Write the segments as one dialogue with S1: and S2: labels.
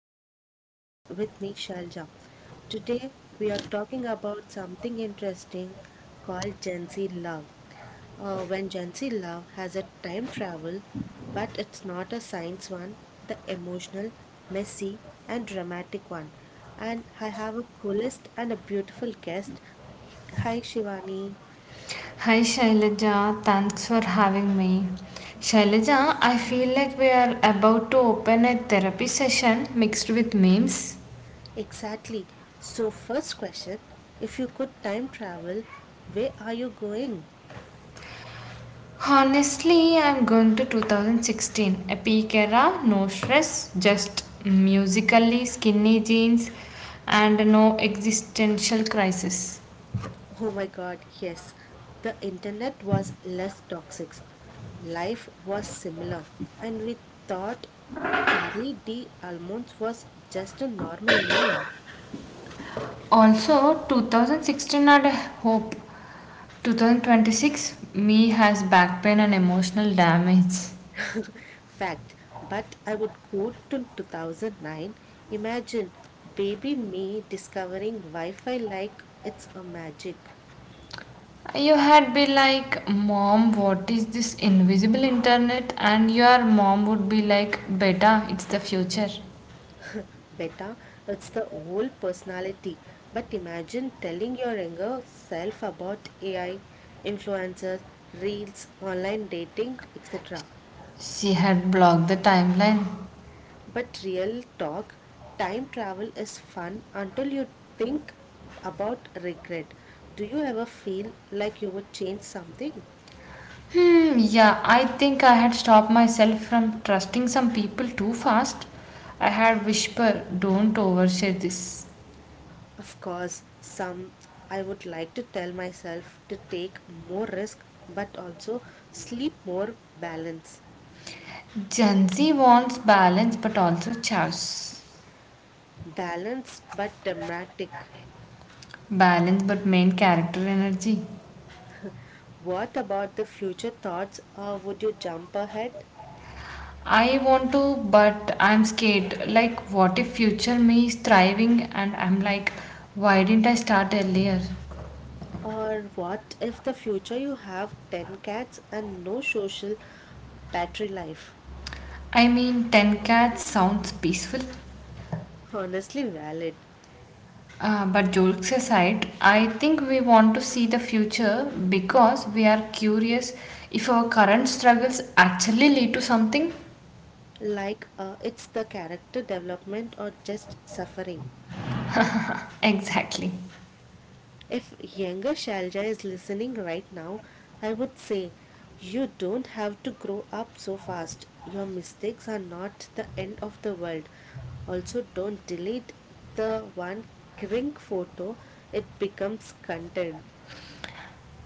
S1: to Chill Chats with me, Shalja. Today we are talking about something interesting called Gen Z love. When Gen Z love has a time travel, but it's not a science one, the emotional, messy, and dramatic one. And I have a coolest and a beautiful guest. Hi Shivani.
S2: Hi Shailaja, thanks for having me. Shailaja, I feel like we are about to open a therapy session mixed with memes.
S1: Exactly. So, first question, if you could time travel, where are you going?
S2: Honestly, I'm going to 2016, a peak era, no stress, just musically skinny jeans and no existential crisis.
S1: Oh my god, yes. The internet was less toxic. Life was similar. And we thought Charlie D. Almonds was just a normal name.
S2: Also, 2016 had a hope. 2026, me has back pain and emotional damage.
S1: Fact. But I would go to 2009. Imagine baby me discovering Wi Fi like it's a magic.
S2: You had be like, Mom, what is this invisible internet? And your mom would be like, Beta, it's the future.
S1: Better. It's the whole personality. But imagine telling your younger self about AI, influencers, reels, online dating, etc.
S2: She had blocked the timeline.
S1: But real talk, time travel is fun until you think about regret. Do you ever feel like you would change something?
S2: Hmm, yeah, I think I had stopped myself from trusting some people too fast. I had whisper, don't overshare this.
S1: Of course, some I would like to tell myself to take more risk but also sleep more balance.
S2: Gen Z wants balance but also chaos.
S1: Balanced but dramatic.
S2: Balance but main character energy.
S1: What about the future thoughts? Or would you jump ahead?
S2: I want to, but I'm scared. Like, what if future me is thriving and I'm like, why didn't I start earlier?
S1: Or what if the future you have 10 cats and no social battery life?
S2: I mean, 10 cats sounds peaceful.
S1: Honestly, valid.
S2: But jokes aside, I think we want to see the future because we are curious if our current struggles actually lead to something.
S1: Like, it's the character development or just suffering.
S2: Exactly.
S1: If younger Shalja is listening right now, I would say you don't have to grow up so fast. Your mistakes are not the end of the world. Also, don't delete the one crink photo, it becomes content.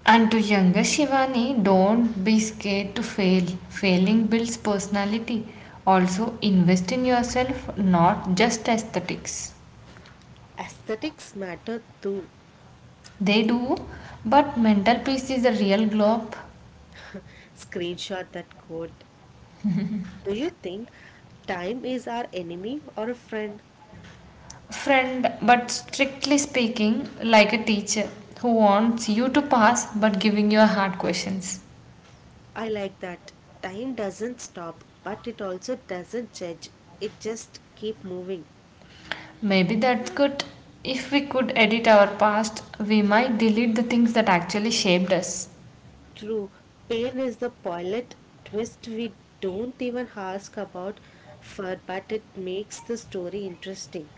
S2: And to younger Shivani, don't be scared to fail. Failing builds personality. Also, invest in yourself, not just aesthetics.
S1: Aesthetics matter too.
S2: They do, but mental peace is the real glow up.
S1: Screenshot that quote. Do you think time is our enemy or a friend?
S2: Friend, but strictly speaking, like a teacher who wants you to pass but giving you hard questions.
S1: I like that. Time doesn't stop, but it also doesn't judge. It just keep moving.
S2: Maybe that's good. If we could edit our past, we might delete the things that actually shaped us.
S1: True, pain is the pilot twist we don't even ask about for, but it makes the story interesting.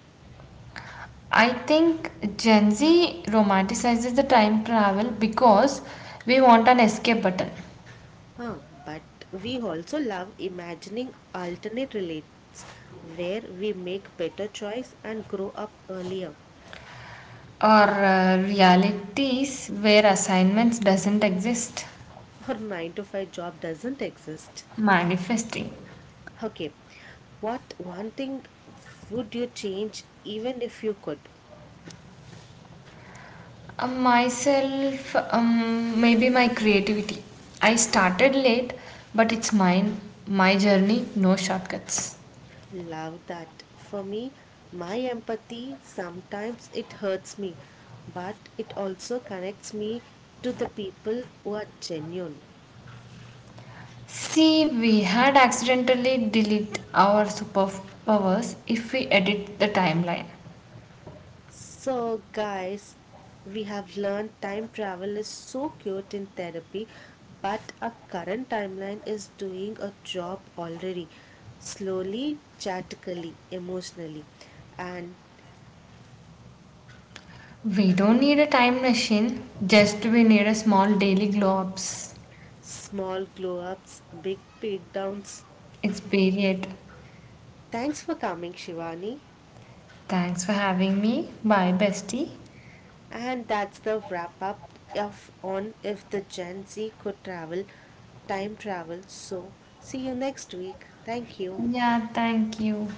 S2: I think Gen Z romanticizes the time travel because we want an escape button,
S1: Huh, but we also love imagining alternate relates where we make better choice and grow up earlier.
S2: or realities where assignments doesn't exist.
S1: Or 9 to 5 job doesn't exist.
S2: Manifesting.
S1: Okay, what one thing would you change even if you could?
S2: Myself, maybe my creativity. I started late, but it's mine, my journey, no shortcuts.
S1: Love that. For me, my empathy sometimes it hurts me, but it also connects me to the people who are genuine.
S2: See, we had accidentally deleted our superpowers if we edit the timeline.
S1: So, guys, we have learned time travel is so cute in therapy, but our current timeline is doing a job already, slowly, chatically, emotionally, and
S2: We don't need a time machine, just we need a small daily glow ups.
S1: small glow ups, big breakdowns.
S2: It's period.
S1: Thanks for coming, Shivani.
S2: Thanks for having me. Bye, bestie.
S1: And that's the wrap up of on if the Gen Z could travel, time travel. So, see you next week. Thank you.
S2: Yeah, thank you.